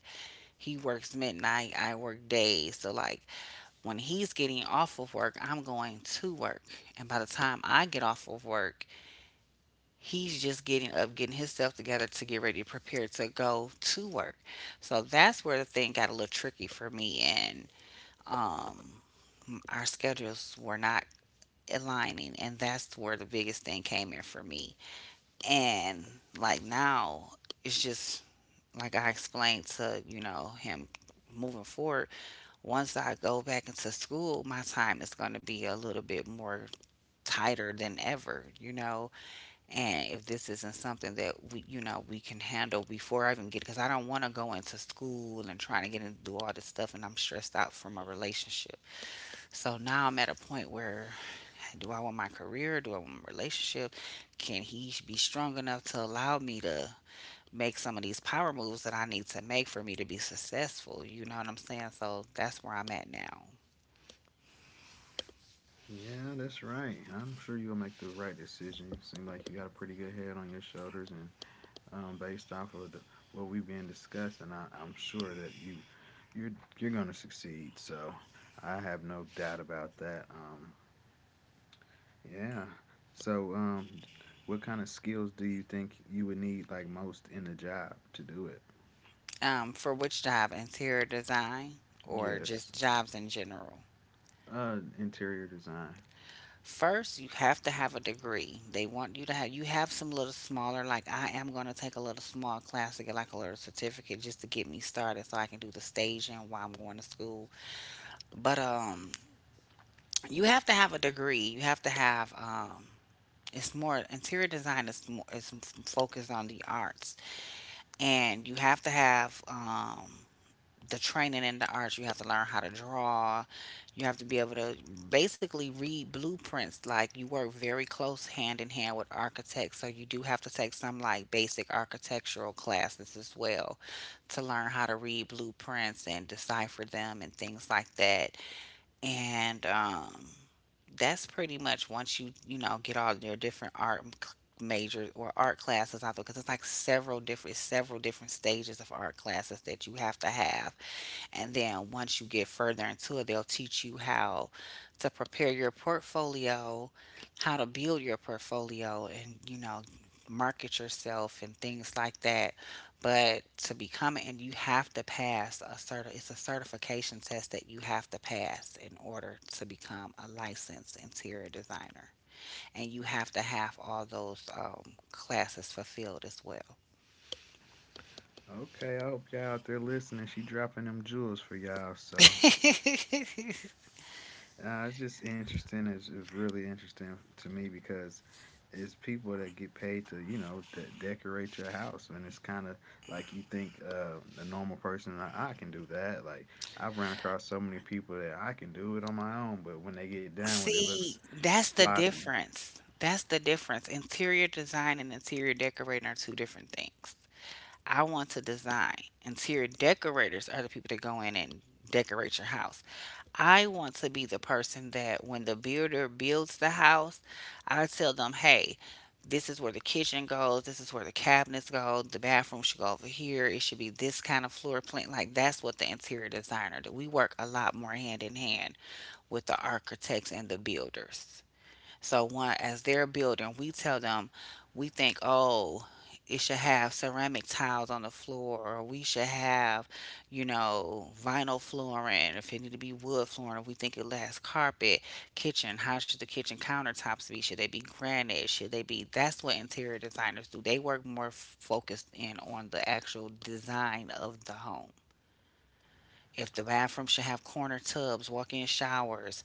A: he works midnight, I work days. So like when he's getting off of work, I'm going to work, and by the time I get off of work, he's just getting up, getting himself together to get ready prepared to go to work. So that's where the thing got a little tricky for me, and um our schedules were not aligning, and that's where the biggest thing came in for me. And like now, it's just like I explained to, you know, him moving forward. Once I go back into school, my time is going to be a little bit more tighter than ever, you know. And if this isn't something that we, you know, we can handle before I even get, because I don't want to go into school and trying to get into do all this stuff, and I'm stressed out from a relationship. So now I'm at a point where, do I want my career? Do I want my relationship? Can he be strong enough to allow me to make some of these power moves that I need to make for me to be successful? You know what I'm saying? So that's where I'm at now.
B: Yeah, that's right. I'm sure you'll make the right decision. Seems like you got a pretty good head on your shoulders, and um, based off of the, what we've been discussing, I, I'm sure that you you're you're gonna succeed, so I have no doubt about that um, Yeah. So, um, what kind of skills do you think you would need, like, most in the job to do it?
A: Um, for which job? Interior design or
B: Yes.
A: just jobs in general?
B: Uh, interior design.
A: First, you have to have a degree. They want you to have, you have some little smaller, like I am going to take a little small class to get like a little certificate just to get me started, so I can do the staging while I'm going to school. But um you have to have a degree. You have to have um it's more, interior design is more is focused on the arts, and you have to have um, the training in the arts. You have to learn how to draw. You have to be able to basically read blueprints. Like, you work very close hand in hand with architects, so you do have to take some like basic architectural classes as well to learn how to read blueprints and decipher them and things like that. And um, that's pretty much, once you, you know, get all your different art m- c- majors or art classes out there, because it's like several different several different stages of art classes that you have to have. And then once you get further into it, they'll teach you how to prepare your portfolio, how to build your portfolio, and you know, market yourself and things like that. But to become an, you have to pass a certi- it's a certification test that you have to pass in order to become a licensed interior designer, and you have to have all those um, classes fulfilled as well.
B: Okay, I hope y'all out there listening. She dropping them jewels for y'all. So, Uh, it's just interesting. It's, it's really interesting to me because it's people that get paid to, you know, de- decorate your house. And it's kind of like, you think uh, a normal person, I-, I can do that. Like, I've ran across so many people that I can do it on my own, but when they get done with it, it looks
A: See, that's the
B: sloppy.
A: difference. That's the difference. Interior design and interior decorating are two different things. I want to design. Interior decorators are the people that go in and decorate your house. I want to be the person that when the builder builds the house, I tell them, hey, this is where the kitchen goes, this is where the cabinets go, the bathroom should go over here, it should be this kind of floor plan. Like, that's what the interior designer do. We work a lot more hand in hand with the architects and the builders. So one, as they're building, we tell them we think, oh, it should have ceramic tiles on the floor, or we should have, you know, vinyl flooring. If it need to be wood flooring, if we think it lasts carpet, kitchen, how should the kitchen countertops be? Should they be granite? Should they be? That's what interior designers do. They work more f- focused in on the actual design of the home. If the bathroom should have corner tubs, walk in showers,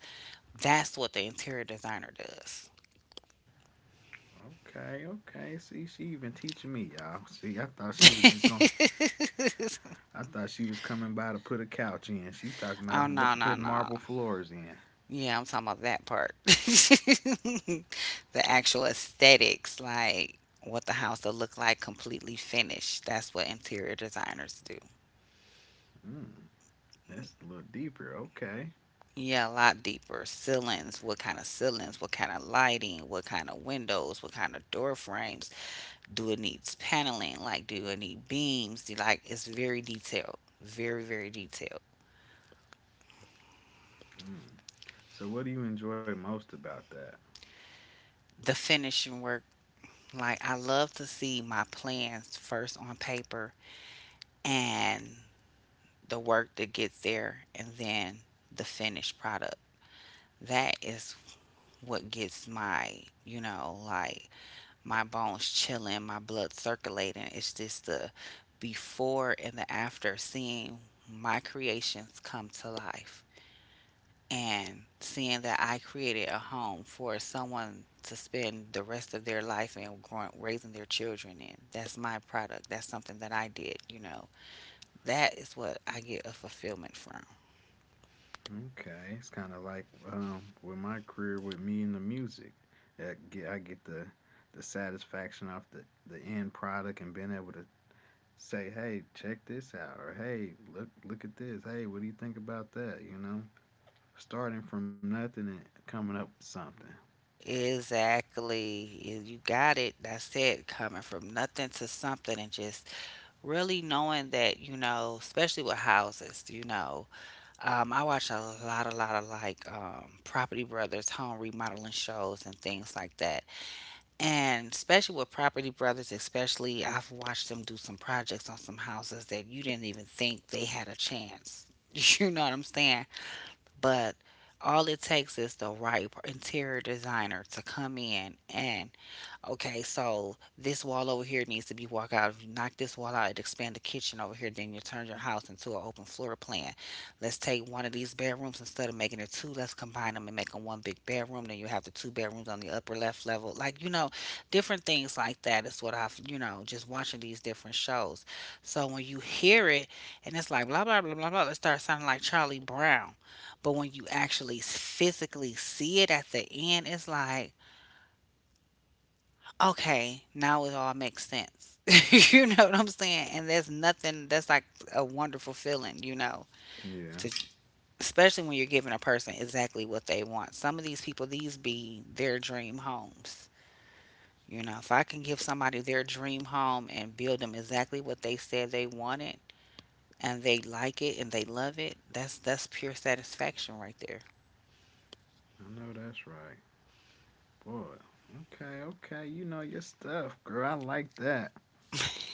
A: that's what the interior designer does.
B: Okay, okay. See, she even teaching me, y'all. See, I thought she was just going, to I thought she was coming by to put a couch in. She's talking
A: Oh,
B: about w-
A: no, no,
B: putting
A: no.
B: marble floors in.
A: Yeah, I'm talking about that part. The actual aesthetics, like what the house will look like completely finished. That's what interior designers do.
B: Mm, that's a little deeper. Okay.
A: Yeah, a lot deeper. Ceilings, what kind of ceilings, what kind of lighting, what kind of windows, what kind of door frames. Do it needs paneling? Like, do it need beams? Do, like, it's very detailed. Very, very detailed.
B: Mm. So, what do you enjoy most about that?
A: The finishing work. Like, I love to see my plans first on paper, and the work that gets there, and then the finished product. That is what gets my, you know, like my bones chilling, my blood circulating. It's just the before and the after, seeing my creations come to life. And seeing that I created a home for someone to spend the rest of their life and growing, raising their children in. That's my product. That's something that I did, you know. That is what I get a fulfillment from.
B: Okay, it's kind of like, um, with my career, with me and the music, I get, I get the the satisfaction off the the end product and being able to say, "Hey, check this out," or "Hey, look look at this," "Hey, what do you think about that?" You know, starting from nothing and coming up with something.
A: Exactly. You you got it. That's it. Coming from nothing to something, and just really knowing that, you know, especially with houses, you know, um, I watch a lot, a lot of like um, Property Brothers, home remodeling shows and things like that. And especially with Property Brothers, especially, I've watched them do some projects on some houses that you didn't even think they had a chance. You know what I'm saying? But all it takes is the right interior designer to come in and, okay, so this wall over here needs to be walked out. If you knock this wall out, it expand the kitchen over here. Then you turn your house into an open floor plan. Let's take one of these bedrooms, instead of making it two. Let's combine them and make them one big bedroom. Then you have the two bedrooms on the upper left level. Like, you know, different things like that is what I've, you know, just watching these different shows. So when you hear it, and it's like blah blah blah blah blah, it starts sounding like Charlie Brown. But when you actually physically see it at the end, it's like, okay, now it all makes sense. You know what I'm saying? And there's nothing that's like a wonderful feeling, you know,
B: Yeah,
A: to, especially when you're giving a person exactly what they want. Some of these people, these be their dream homes. You know, if I can give somebody their dream home and build them exactly what they said they wanted, and they like it and they love it, that's that's pure satisfaction right there.
B: I know that's right, boy. Okay, okay, you know your stuff, girl. I like that.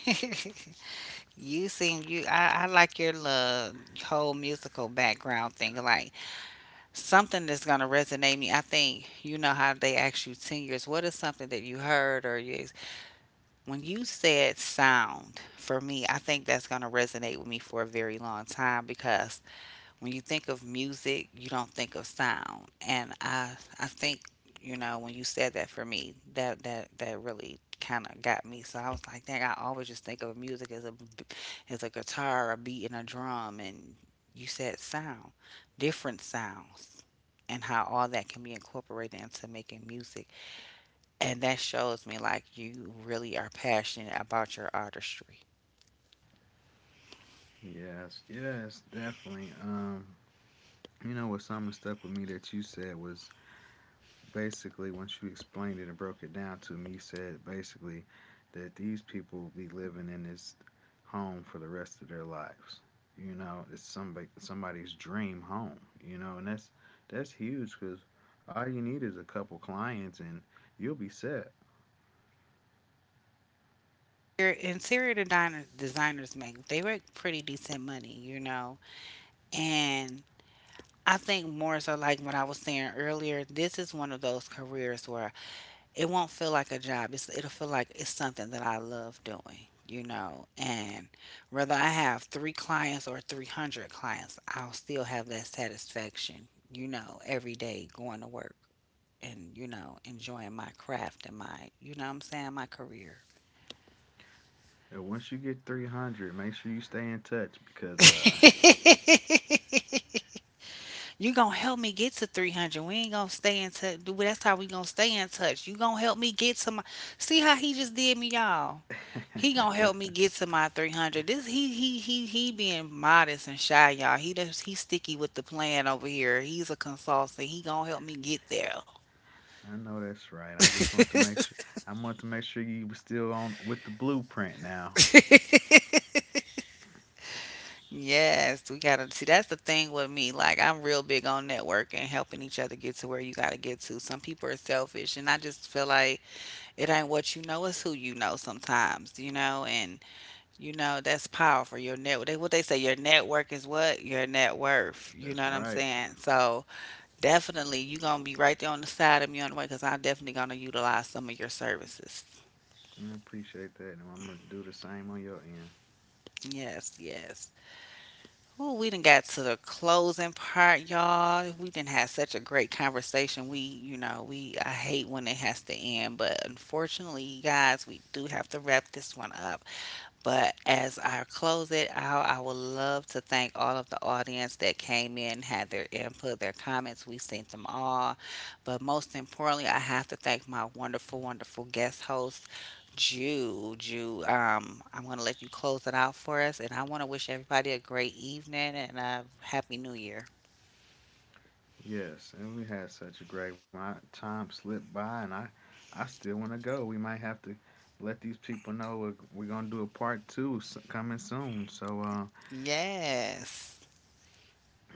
A: You seem, you, I, I like your little whole musical background thing. Like, something that's going to resonate me. I think, you know how they ask you ten years, what is something that you heard or you, when you said sound for me, I think that's going to resonate with me for a very long time, because when you think of music, you don't think of sound. And I I think, you know, when you said that for me, that that that really kind of got me. So I was like, dang, I always just think of music as a b- as a guitar, a beat, and a drum. And you said sound, different sounds, and how all that can be incorporated into making music. And that shows me, like, you really are passionate about your artistry.
B: Yes, yes, definitely. Um, You know what? Something stuck with me that you said was basically, once you explained it and broke it down to me, you said basically that these people will be living in this home for the rest of their lives. You know, it's somebody somebody's dream home. You know, and that's that's huge because all you need is a couple clients and you'll be set.
A: Your interior designer, designers make, they make pretty decent money, you know. And I think more so, like what I was saying earlier, this is one of those careers where it won't feel like a job. It's, it'll feel like it's something that I love doing, you know. And whether I have three clients or three hundred clients, I'll still have that satisfaction, you know, every day going to work and, you know, enjoying my craft and my, you know what I'm saying, my career.
B: And once you get three hundred, make sure you stay in touch, because uh
A: You gonna help me get to three hundred. We ain't gonna stay in touch. Dude, that's how we gonna stay in touch. You gonna help me get to my. See how he just did me, y'all. He gonna help me get to my three hundred. This, he he he he being modest and shy, y'all. He does he sticky with the plan over here. He's a consultant. He gonna help me get there.
B: I know that's right. I just want to make sure. I want to make sure you were still on with the blueprint now.
A: Yes, we gotta see. That's the thing with me. Like, I'm real big on networking, helping each other get to where you gotta get to. Some people are selfish, and I just feel like, it ain't what you know, it's who you know sometimes, you know. And you know, that's powerful. Your network, what they say, your network is what? Your net worth. You know
B: That's
A: what I'm
B: right.
A: saying? So definitely you gonna be right there on the side of me on the way, because I'm definitely gonna utilize some of your services.
B: I appreciate that, and I'm gonna do the same on your end.
A: Yes, yes. Ooh, we done got to the closing part, y'all. We didn't have such a great conversation. We, you know, we, I hate when it has to end, but unfortunately, you guys, we do have to wrap this one up. But as I close it out, I would love to thank all of the audience that came in, had their input, their comments. We sent them all. But most importantly, I have to thank my wonderful, wonderful guest host, Jew. Jew, um, I'm going to let you close it out for us. And I want to wish everybody a great evening and a happy new year.
B: Yes, and we had such a great one. I, time slipped by, and I, I still want to go. We might have to let these people know we're, we're gonna do a part two s- coming soon. So, uh,
A: Yes.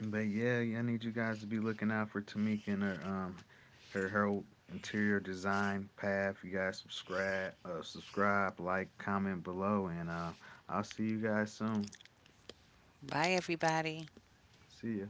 B: but yeah, I need you guys to be looking out for Tamika and her um Her Herald Interior Design Path. You guys subscribe, uh, subscribe, like, comment below, and uh, I'll see you guys soon.
A: Bye, everybody.
B: See ya.